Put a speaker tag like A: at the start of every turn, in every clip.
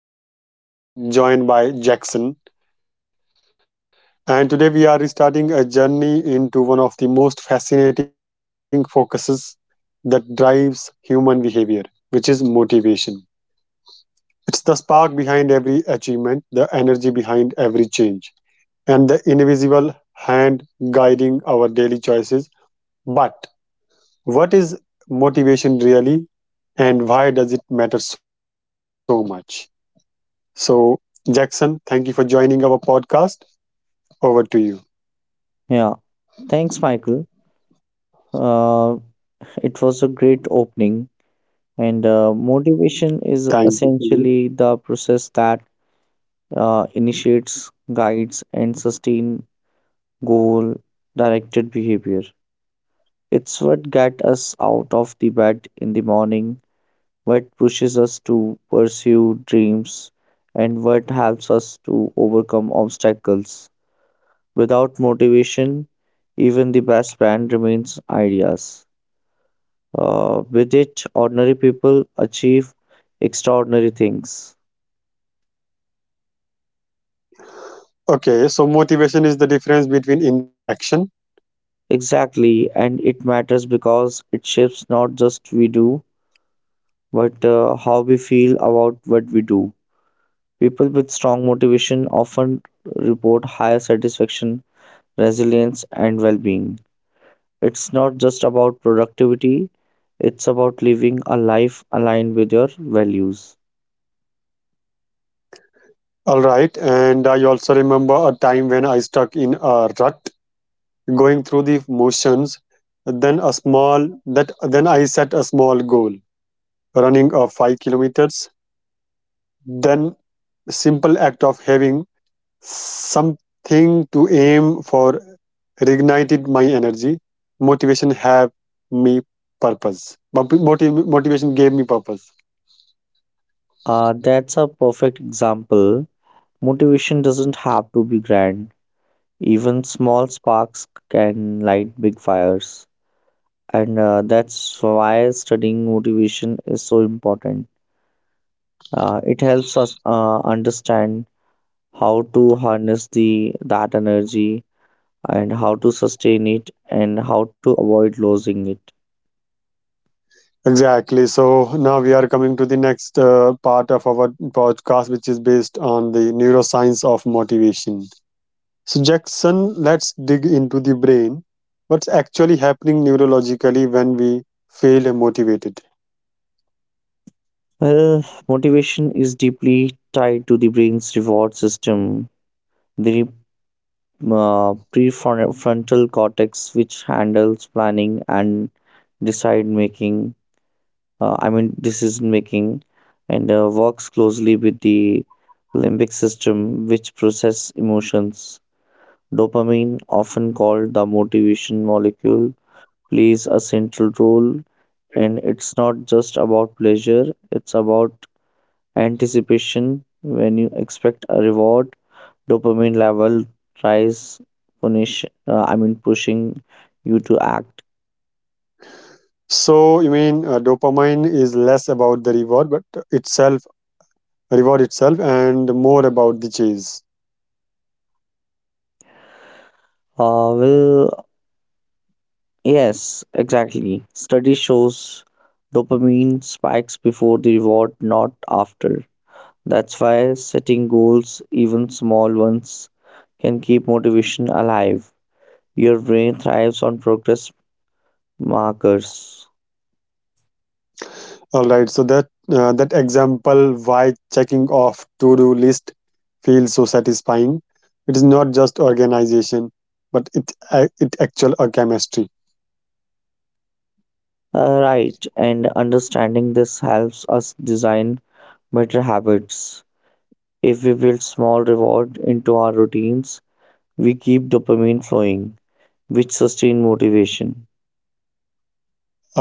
A: I'm Michael Torres, joined by Jackson. And today we are starting a journey into one of the most fascinating focuses that drives human behavior, which is motivation. It's the spark behind every achievement, the energy behind every change, and the invisible hand guiding our daily choices. But what is motivation really, and why does it matter so much? So, Jackson, thank you for joining our podcast. Over to you.
B: Yeah, thanks, Michael. Uh, it was a great opening, and motivation
A: Thank
B: is
A: you. Sunil.
B: essentially the process that initiates, guides, and sustain goal-directed behavior. It's what gets us out of the bed in the morning, what pushes us to pursue dreams, and what helps us to overcome obstacles. Without motivation, even the best plan remains ideas. With it, ordinary people achieve extraordinary things.
A: Okay, so motivation is the difference between intention and action.
B: Exactly, and it matters because it shapes not just we do, but how we feel about what we do. People with strong motivation often report higher satisfaction, resilience, and well being. It's not just about productivity, it's about living a life aligned with your values.
A: All right, and I also remember a time when I stuck in a rut, going through the motions. Then a small that then I set a small goal, running 5 kilometers. Then simple act of having something to aim for reignited my energy. Motivation have me purpose. Motivation gave me purpose.
B: That's a perfect example. Motivation doesn't have to be grand. Even small sparks can light big fires, and that's why studying motivation is so important. It helps us understand how to harness the that energy and how to sustain it and how to avoid losing it.
A: Exactly, so now we are coming to the next part of our podcast, which is based on the neuroscience of motivation. So, Jackson, let's dig into the brain. What's actually happening neurologically when we feel motivated?
B: Well, motivation is deeply tied to the brain's reward system. The prefrontal cortex, which handles planning and decide making, I mean decision making and works closely with the limbic system which process emotions. Dopamine, often called the motivation molecule, plays a central role and it's not just about pleasure, it's about anticipation when you expect a reward, dopamine level rise punish I mean pushing you to act.
A: So, you mean dopamine is less about the reward, but itself, reward itself, and more about the chase.
B: Uh, well, Yes, exactly. Study shows dopamine spikes before the reward, not after. That's why setting goals, even small ones, can keep motivation alive. Your brain thrives on progress markers.
A: All right, so that example why checking off to-do list feels so satisfying. It is not just organization, but it actual chemistry.
B: Right, and understanding this helps us design better habits. If we build small reward into our routines, we keep dopamine flowing, which sustain motivation.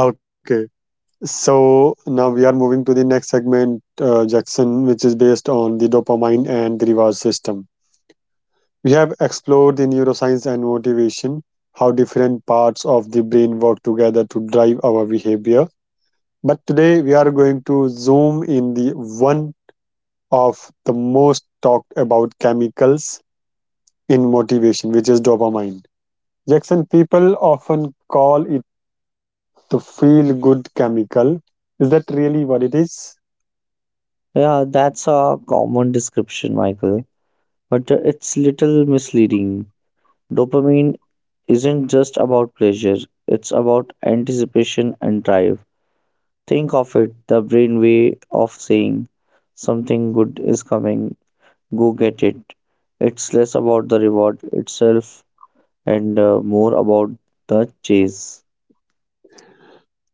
A: Okay, so now we are moving to the next segment, Jackson, which is based on the dopamine and the reward system. We have explored the neuroscience and motivation, how different parts of the brain work together to drive our behavior. But today we are going to zoom in the one of the most talked about chemicals in motivation, which is dopamine. Jackson, people often call it the feel good chemical. Is that really what it is?
B: Yeah, that's a common description, Michael, but it's little misleading. Dopamine isn't just about pleasure, it's about anticipation and drive. Think of it the brain way of saying something good is coming, go get it. It's less about the reward itself and more about the chase.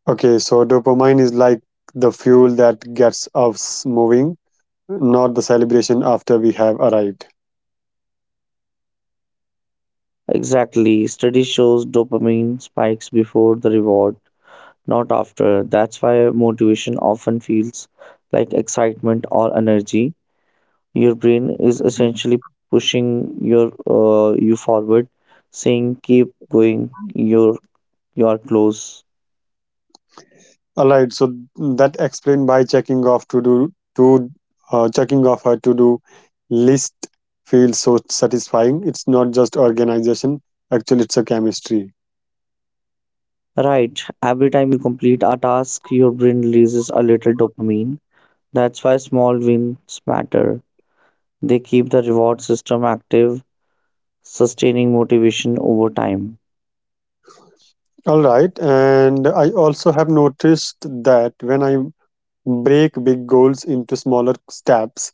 A: Okay, so dopamine is like the fuel that gets us moving, not the celebration after we have arrived.
B: Exactly, study shows dopamine spikes before the reward not after. That's why motivation often feels like excitement or energy. Your brain is essentially pushing your you forward, saying keep going, you are close.
A: All right, so that explained by checking off her to do list feels so satisfying. It's not just organization; actually, it's a chemistry.
B: Right. Every time you complete a task, your brain releases a little dopamine. That's why small wins matter. They keep the reward system active, sustaining motivation over time.
A: All right, and I also have noticed that when I break big goals into smaller steps,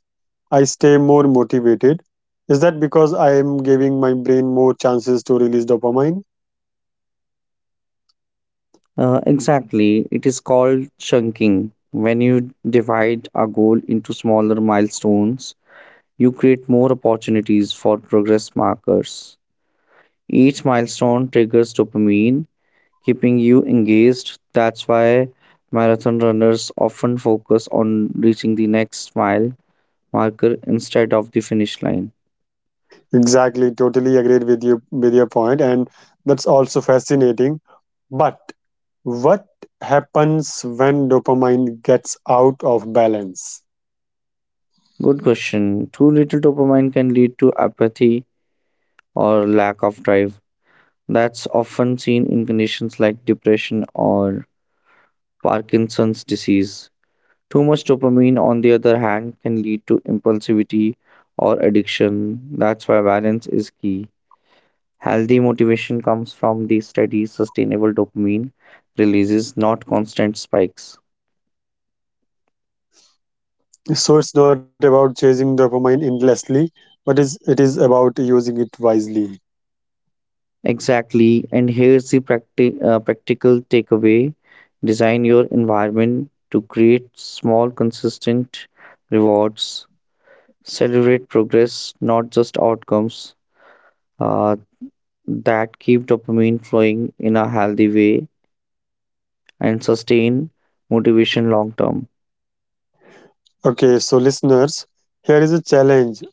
A: I stay more motivated. Is that because I am giving my brain more chances to release dopamine?
B: Exactly, it is called chunking. When you divide a goal into smaller milestones, you create more opportunities for progress markers. Each milestone triggers dopamine, keeping you engaged. That's why marathon runners often focus on reaching the next mile marker instead of the finish line.
A: Exactly, totally agreed with you with your point, and that's also fascinating. But what happens when dopamine gets out of balance?
B: Good question. Too little dopamine can lead to apathy or lack of drive. That's often seen in conditions like depression or Parkinson's disease. Too much dopamine, on the other hand, can lead to impulsivity or addiction. That's why balance is key. Healthy motivation comes from the steady, sustainable dopamine releases, not constant spikes.
A: So it's not about chasing dopamine endlessly, but is it is about using it wisely.
B: Exactly, and here's the practical takeaway. Design your environment to create small, consistent rewards. Celebrate progress, not just outcomes, uh, that keep dopamine flowing in a healthy way and sustain motivation long term.
A: Okay, so, listeners, here is a challenge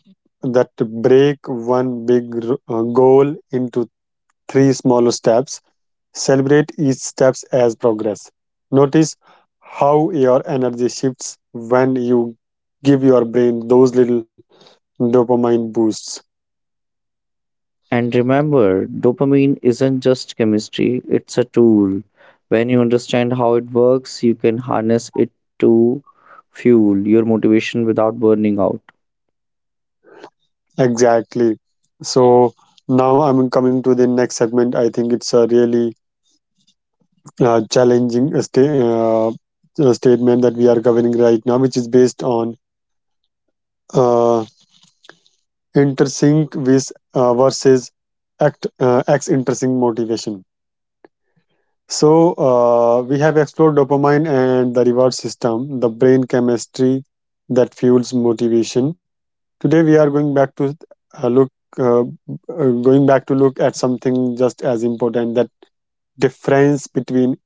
A: that to break one big goal into three smaller steps. Celebrate each steps as progress. Notice how your energy shifts when you give your brain those little dopamine boosts.
B: And remember, dopamine isn't just chemistry, it's a tool. When you understand how it works, you can harness it to fuel your motivation without burning out.
A: Exactly. So now I'm coming to the next segment. I think it's a really challenging statement that we are covering right now, which is based on uh, intersync with versus act x intersync motivation. So we have explored dopamine and the reward system, the brain chemistry that fuels motivation. Today we are going back to uh, look uh, look at something just as important, that difference between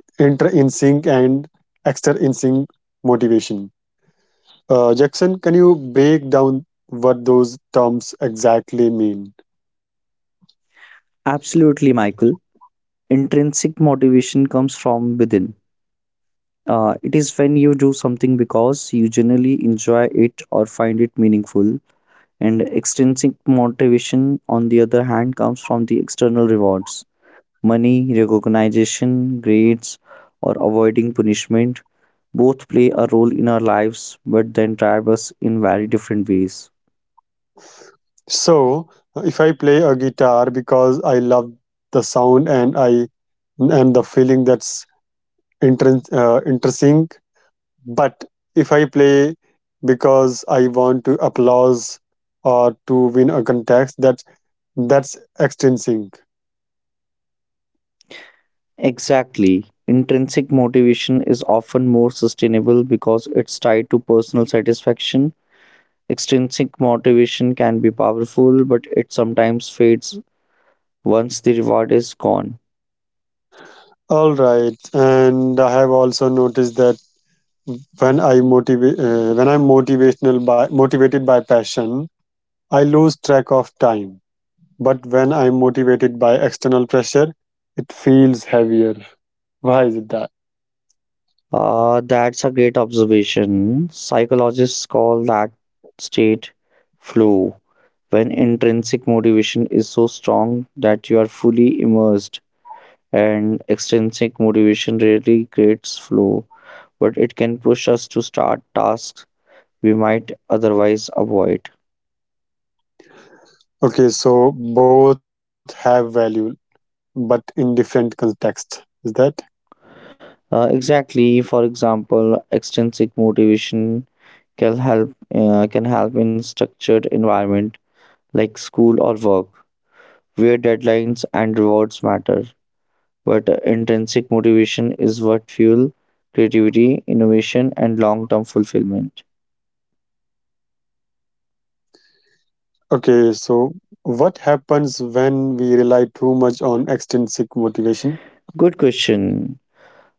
A: inter in sync and exter in sync motivation. Jackson, can you break down what those terms exactly mean?
B: Absolutely, Michael. Intrinsic motivation comes from within. It is when you do something because you generally enjoy it or find it meaningful, and extrinsic motivation, on the other hand, comes from the external rewards money, recognition, grades, or avoiding punishment. Both play a role in our lives, but then drive us in very different ways.
A: So, if I play a guitar because I love the sound and the feeling, that's interesting. But if I play because I want to applause or to win a contest, that's extrinsic.
B: Exactly. Intrinsic motivation is often more sustainable because it's tied to personal satisfaction. Extrinsic motivation can be powerful, but it sometimes fades once the reward is gone.
A: All right, and I have also noticed that when I'm motivational by motivated by passion, I lose track of time. But when I'm motivated by external pressure, it feels heavier. Why is it that?
B: That's a great observation. Psychologists call that state flow, when intrinsic motivation is so strong that you are fully immersed, and extrinsic motivation rarely creates flow, but it can push us to start tasks we might otherwise avoid.
A: Okay, so both have value, but in different context. Is that?
B: Exactly, for example, extrinsic motivation can help in structured environment like school or work where deadlines and rewards matter, but intrinsic motivation is what fuel creativity, innovation, and long-term fulfillment.
A: Okay, so what happens when we rely too much on extrinsic motivation?
B: Good question.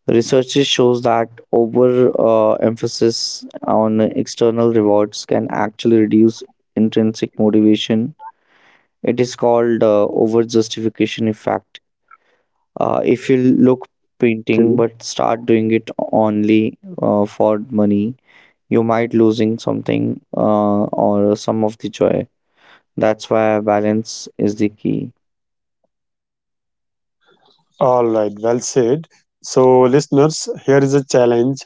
B: Research shows that over emphasis on external rewards can actually reduce intrinsic motivation. It is called over justification effect. If you look painting but
A: Okay.
B: start doing it only for money, you might losing something or some of the joy. That's why balance is the key.
A: All right, well said. So, listeners, here is a challenge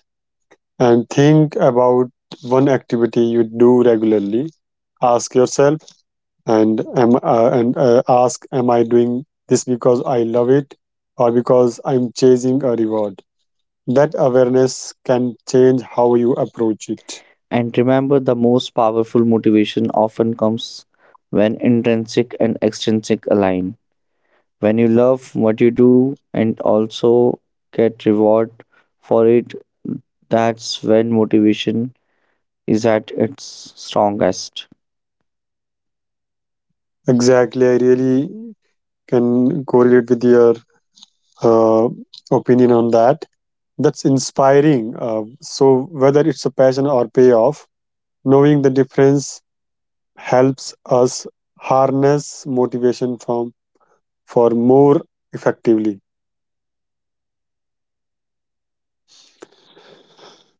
A: and think about one activity you do regularly. Ask yourself, and am and ask, am I doing this because I love it, or because I'm chasing a reward? That awareness can change how you approach it.
B: And remember, the most powerful motivation often comes when intrinsic and extrinsic align. When you love what you do and also get reward for it, that's when motivation is at its strongest.
A: Exactly, I really can correlate with your uh, opinion on that. That's inspiring. So whether it's a passion or payoff, knowing the difference helps us harness motivation from for more effectively.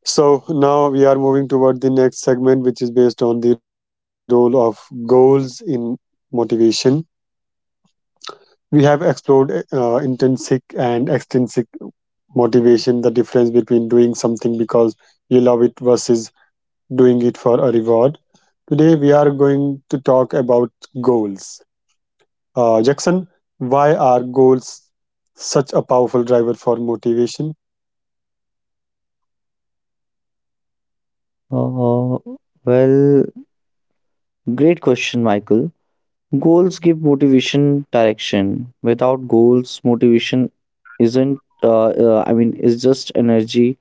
A: So now we are moving toward the next segment, which is based on the role of goals in motivation. We have explored intrinsic and extrinsic motivation, the difference between doing something because you love it versus doing it for a reward. Today we are going to talk about goals. Jackson, why are goals such a powerful driver for motivation?
B: Uh, well, Great question, Michael. Goals give motivation direction. Without goals, motivation isn't, I mean, is just energy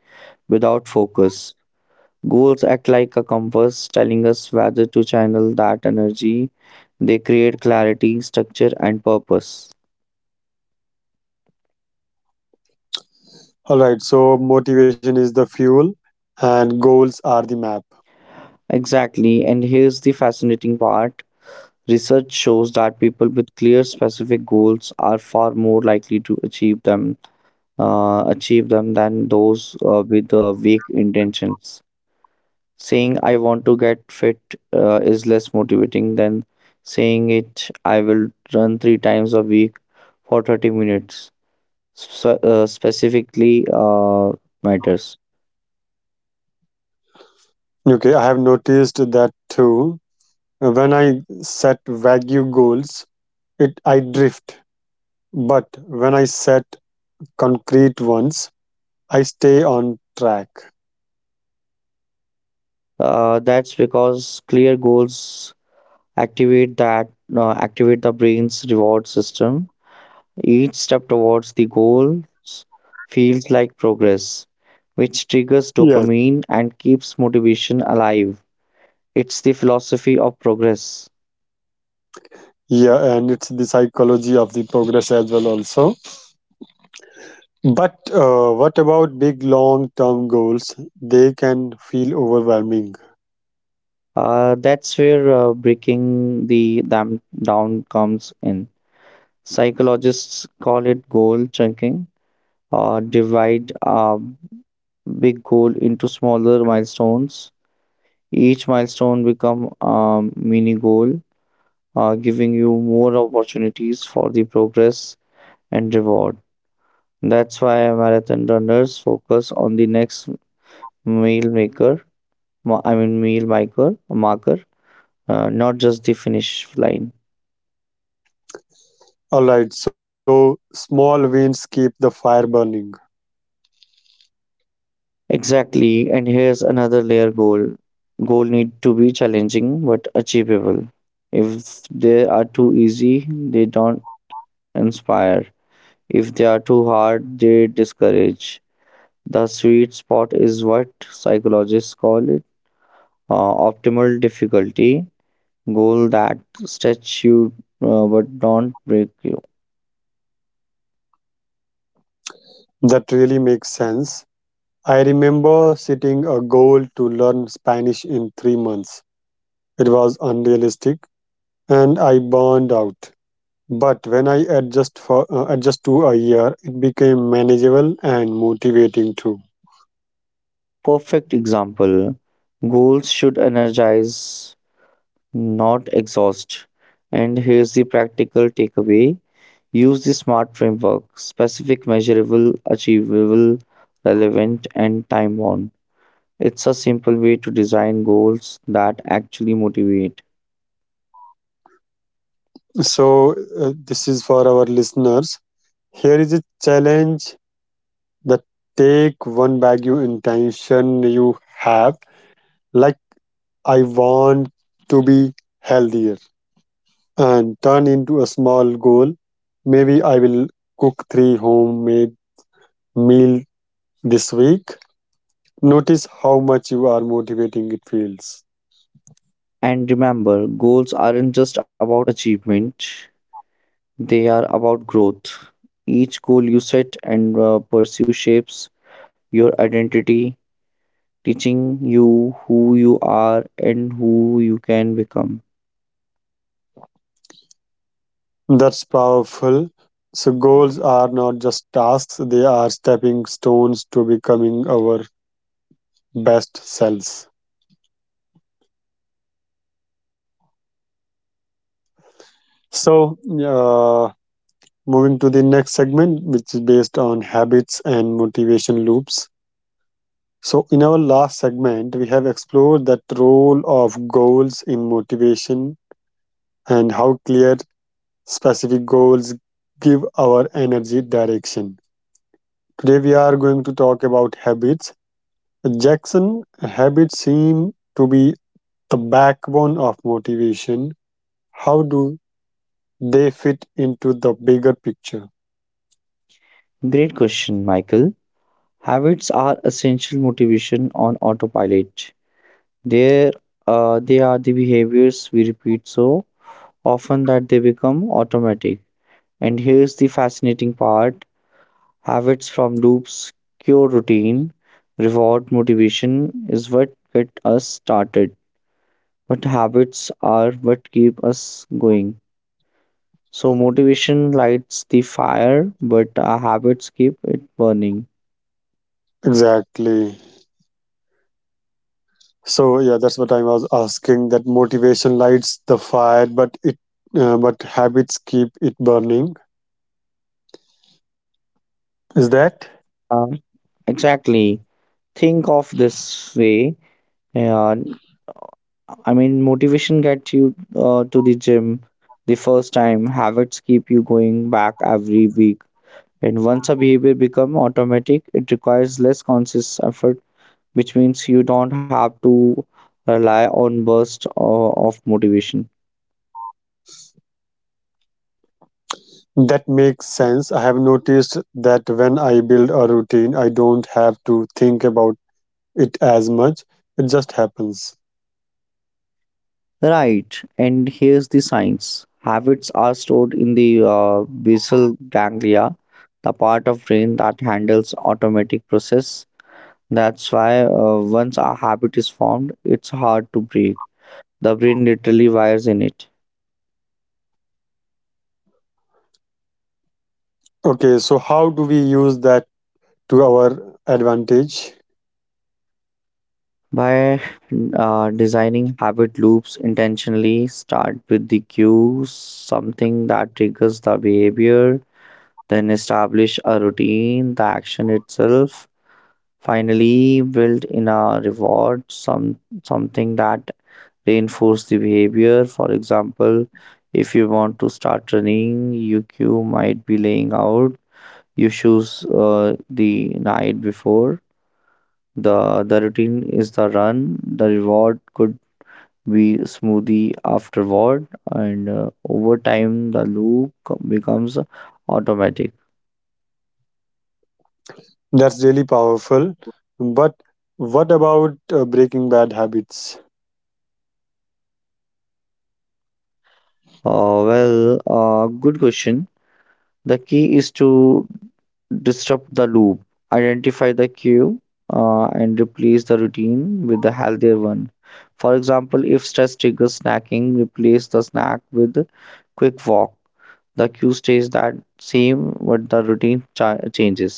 B: without focus. Goals act like a compass telling us whether to channel that energy. They create clarity, structure, and purpose.
A: All right, so motivation is the fuel and goals are the map.
B: Exactly, and here's the fascinating part. Research shows that people with clear, specific goals are far more likely to achieve them than those with weak intentions. Saying I want to get fit is less motivating than saying it I will run three times a week for 30 minutes, so, specifically matters.
A: Okay, I have noticed that too. When I set vague goals, it I drift. But when I set concrete ones, I stay on track.
B: That's because clear goals activate that activate the brain's reward system. Each step towards the goals feels like progress, which triggers
A: Yes.
B: dopamine and keeps motivation alive. It's the philosophy of progress.
A: Yeah, and it's the psychology of the progress as well also. But what about big long-term goals? They can feel overwhelming.
B: That's where breaking the dam down comes in. Psychologists call it goal chunking, or divide a big goal into smaller milestones. Each milestone become a mini goal, giving you more opportunities for the progress and reward. That's why marathon runners focus on the next meal maker, I mean meal maker marker, not just the finish line.
A: All right, so small wins keep the fire burning.
B: Exactly, and here's another layer goal. Goal need to be challenging but achievable. If they are too easy, they don't inspire. If they are too hard, they discourage. The sweet spot is what psychologists call it optimal difficulty goal that stretch you but don't break you.
A: That really makes sense. I remember setting a goal to learn Spanish in 3 months. It was unrealistic and I burned out. But when I adjust for adjust to a year, it became manageable and motivating too.
B: Perfect example. Goals should energize, not exhaust. And here's the practical takeaway, use the SMART framework specific, measurable, achievable, relevant, and time bound. It's a simple way to design goals that actually motivate.
A: So this is for our listeners. Here is a challenge that take one value intention you have. Like, I want to be healthier, and turn into a small goal. Maybe I will cook three homemade meal this week. Notice how much you are motivating it feels.
B: And remember, goals aren't just about achievement, they are about growth. Each goal you set and pursue shapes your identity, teaching you who you are and who you can become.
A: That's powerful. So goals are not just tasks, they are stepping stones to becoming our best selves. So uh, moving to the next segment, which is based on habits and motivation loops. So, in our last segment, we have explored that role of goals in motivation and how clear specific goals give our energy direction. Today, we are going to talk about habits. Jackson, habits seem to be the backbone of motivation. How do they fit into the bigger picture?
B: Great question, Michael. Habits are essential motivation on autopilot. They're, they are the behaviors we repeat so often that they become automatic. And here's the fascinating part. Habits from loops, cure routine, reward, motivation is what get us started. But habits are what keep us going. So motivation lights the fire, but our habits keep it burning.
A: Exactly. So yeah, that's what I was asking, that motivation lights the fire, but it but habits keep it burning. Is that?
B: Uh, exactly. Think of this way. Uh, I mean, motivation gets you to the gym the first time. Habits keep you going back every week. And once a behavior becomes automatic, it requires less conscious effort, which means you don't have to rely on bursts of motivation.
A: That makes sense. I have noticed that when I build a routine, I don't have to think about it as much. It just happens.
B: Right, and here's the science. Habits are stored in the basal ganglia, the part of brain that handles automatic process. That's why once a habit is formed, it's hard to break. The brain literally wires in it.
A: Okay, so how do we use that to our advantage?
B: By designing habit loops intentionally, start with the cue, something that triggers the behavior, then establish a routine, the action itself. Finally, build in a reward, something that reinforce the behavior. For example, if you want to start running, your cue might be laying out your shoes the night before. The routine is the run. The reward could we smoothie afterward, and over time the becomes automatic.
A: That's really powerful. But what about breaking bad habits?
B: Good question. The key is to disrupt the loop, identify the cue, and replace the routine with the healthier one. For example, if stress triggers snacking, replace the snack with quick walk. The cue stays that same but the changes.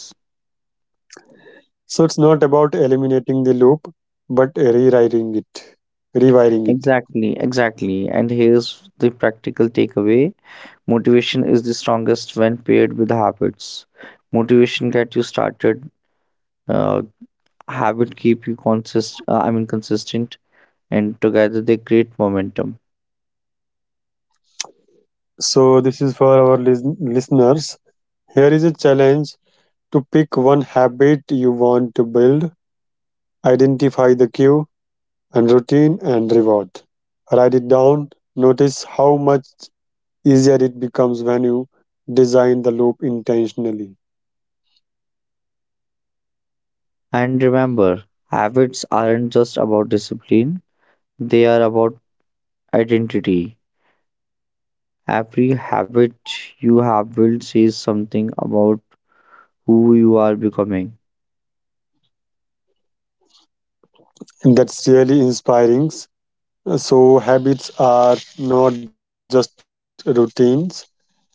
A: So it's not about eliminating the loop, but rewriting it, rewiring it.
B: Exactly, exactly. And here's the practical takeaway, motivation is the strongest when paired with habits. Motivation get you started, uh, habit keep you I mean consistent, and together they create momentum.
A: So this is for our listeners. Here is a challenge to pick one habit you want to build, identify the cue and routine and reward. Write it down. Notice how much easier it becomes when you design the loop intentionally.
B: And remember, habits aren't just about discipline, they are about identity. Every habit you have built says something about who you are becoming.
A: And that's really inspiring. So habits are not just routines;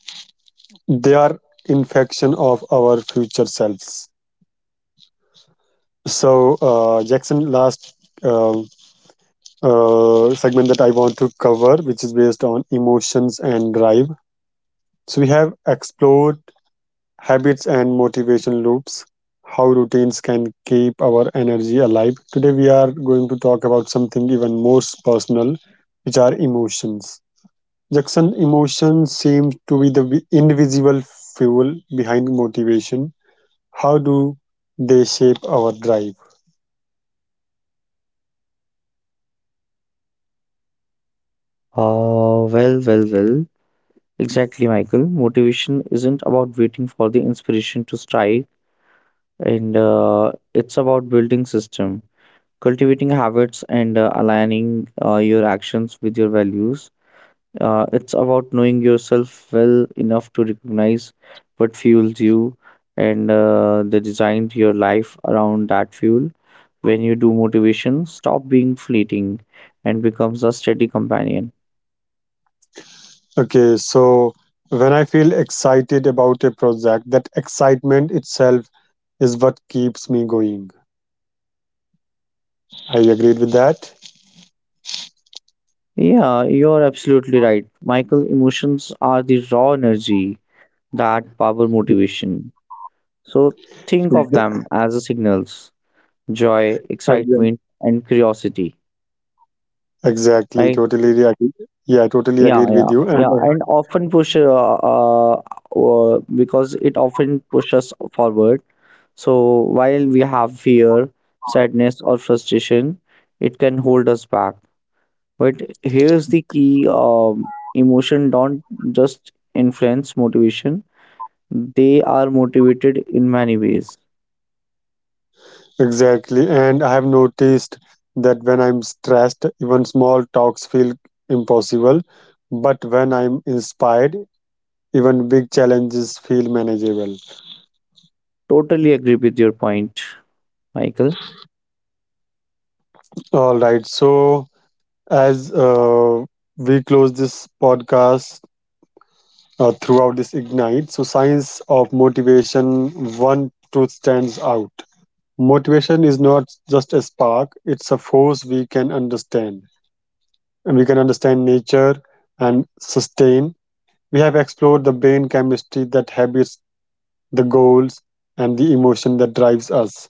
A: they are infection of our future selves. So, Jackson, last uh, segment that I want to cover, which is based on emotions and drive. So, we have explored habits and motivation loops, how routines can keep our energy alive. Today, we are going to talk about something even more personal, which are emotions. Jackson, emotions seem to be the invisible fuel behind motivation. How do they shape our drive?
B: Uh, well, well, well. Exactly, Michael. Motivation isn't about waiting for the inspiration to strike, and it's about building system, cultivating habits, and aligning your actions with your values. It's about knowing yourself well enough to recognize what fuels you, and the design to your life around that fuel. When you do motivation, stop being fleeting, and becomes a steady companion.
A: Okay, so when I feel excited about a project, that excitement itself is what keeps me going. I agreed with that.
B: Yeah, you're absolutely right. Michael, emotions are the raw energy that power motivation. So think of them as the signals, joy,
A: Exactly.
B: excitement, and curiosity.
A: Exactly,
B: Right?
A: totally agree. Yeah, totally
B: Yeah,
A: agreed with
B: yeah,
A: you. And
B: yeah. And often push because it often pushes us forward. So while we have fear, sadness, or frustration, it can hold us back. But here's the key emotion don't just influence motivation, they are motivated in many ways.
A: Exactly, and I have noticed that when I'm stressed, even small talks feel impossible. But when I'm inspired, even big challenges feel manageable.
B: Totally agree with your point, Michael.
A: All right, so as we close this podcast, throughout this Ignite, so, science of motivation, one truth stands out. Motivation is not just a spark, it's a force we can understand, and we can understand nature and sustain. We have explored the brain chemistry, that habits, the goals, and the emotion that drives us.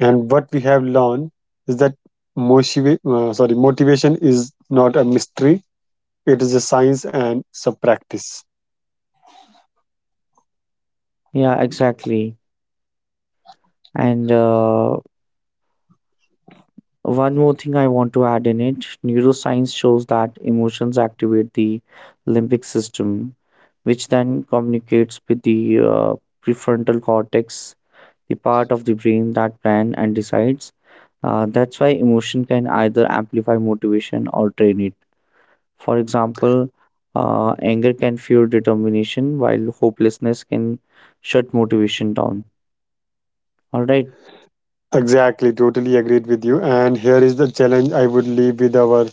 A: And what we have learned is that motiva- sorry motivation is not a mystery. It is a science, and it's a practice.
B: Yeah, exactly. And one more thing I want to add in it, neuroscience shows that emotions activate the limbic system, which then communicates with the prefrontal cortex, the part of the brain that plans and decides. That's why emotion can either amplify motivation or drain it. For example, anger can fuel determination, while hopelessness can shut motivation down. All right.
A: Exactly, totally agreed with you. And here is the challenge I would leave with our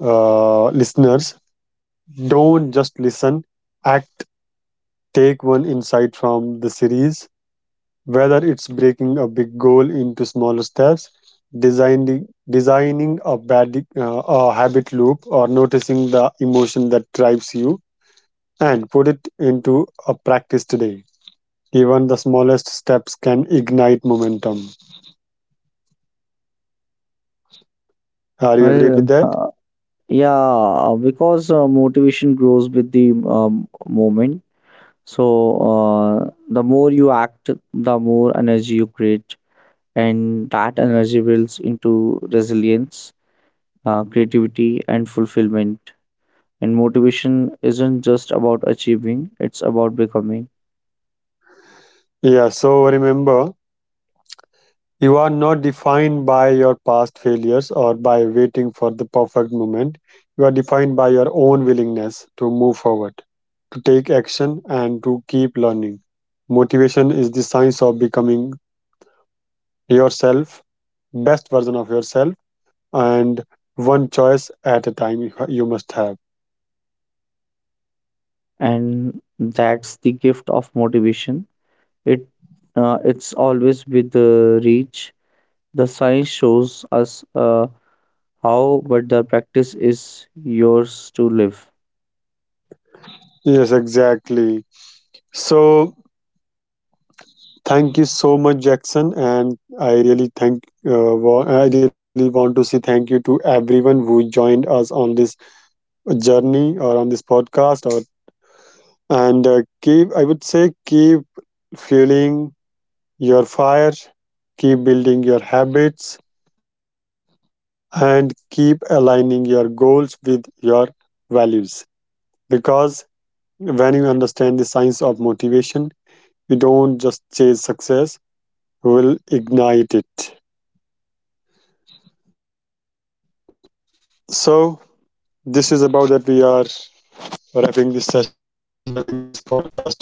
A: listeners. Don't just listen, act. Take one insight from the series, whether it's breaking a big goal into smaller steps, designing a habit loop, or noticing the emotion that drives you, and put it into a practice today. Even the smallest steps can ignite momentum. Are you agreed with
B: Well,
A: that?
B: uh, yeah, because motivation grows with the moment. So the more you act, the more energy you create, and that energy builds into resilience, creativity, and fulfillment. And motivation isn't just about achieving, it's about becoming.
A: Yeah, so remember, you are not defined by your past failures or by waiting for the perfect moment. You are defined by your own willingness to move forward, to take action, and to keep learning. Motivation is the science of becoming yourself, best version of yourself, and one choice at a time you must have.
B: And that's the gift of motivation. It it's always with the reach. The science shows us how, but the practice is yours to live.
A: Yes, exactly. So, thank you so much, Jackson. And I really thank. I really want to say thank you to everyone who joined us on this journey, or on this podcast, or and keep. I would say keep fueling your fire, keep building your habits, and keep aligning your goals with your values. Because when you understand the science of motivation, you don't just chase success; you will ignite it. So this is about that we are wrapping this session, wrapping this podcast today.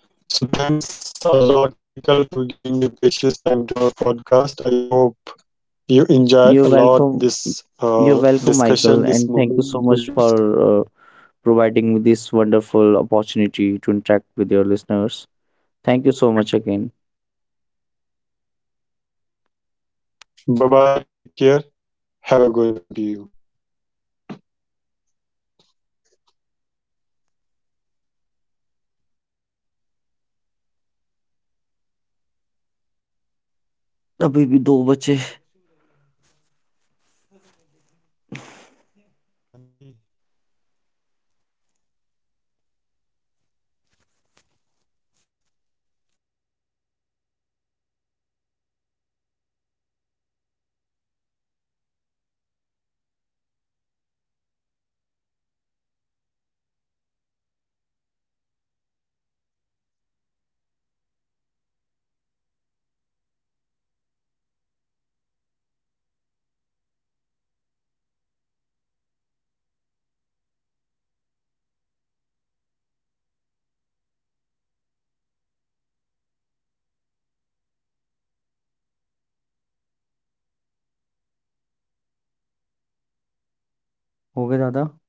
A: So thanks a lot, Michael, to giving your precious time to our podcast. I hope you enjoyed a
B: You're
A: lot
B: welcome.
A: this
B: You're welcome,
A: discussion,
B: Michael,
A: this
B: and thank you
A: moment.
B: so much for uh, providing me this wonderful opportunity to interact with your listeners. Thank you so much again.
A: Bye bye. Take care. Have a good one to you.
B: अभी भी दो बचे हो गए दादा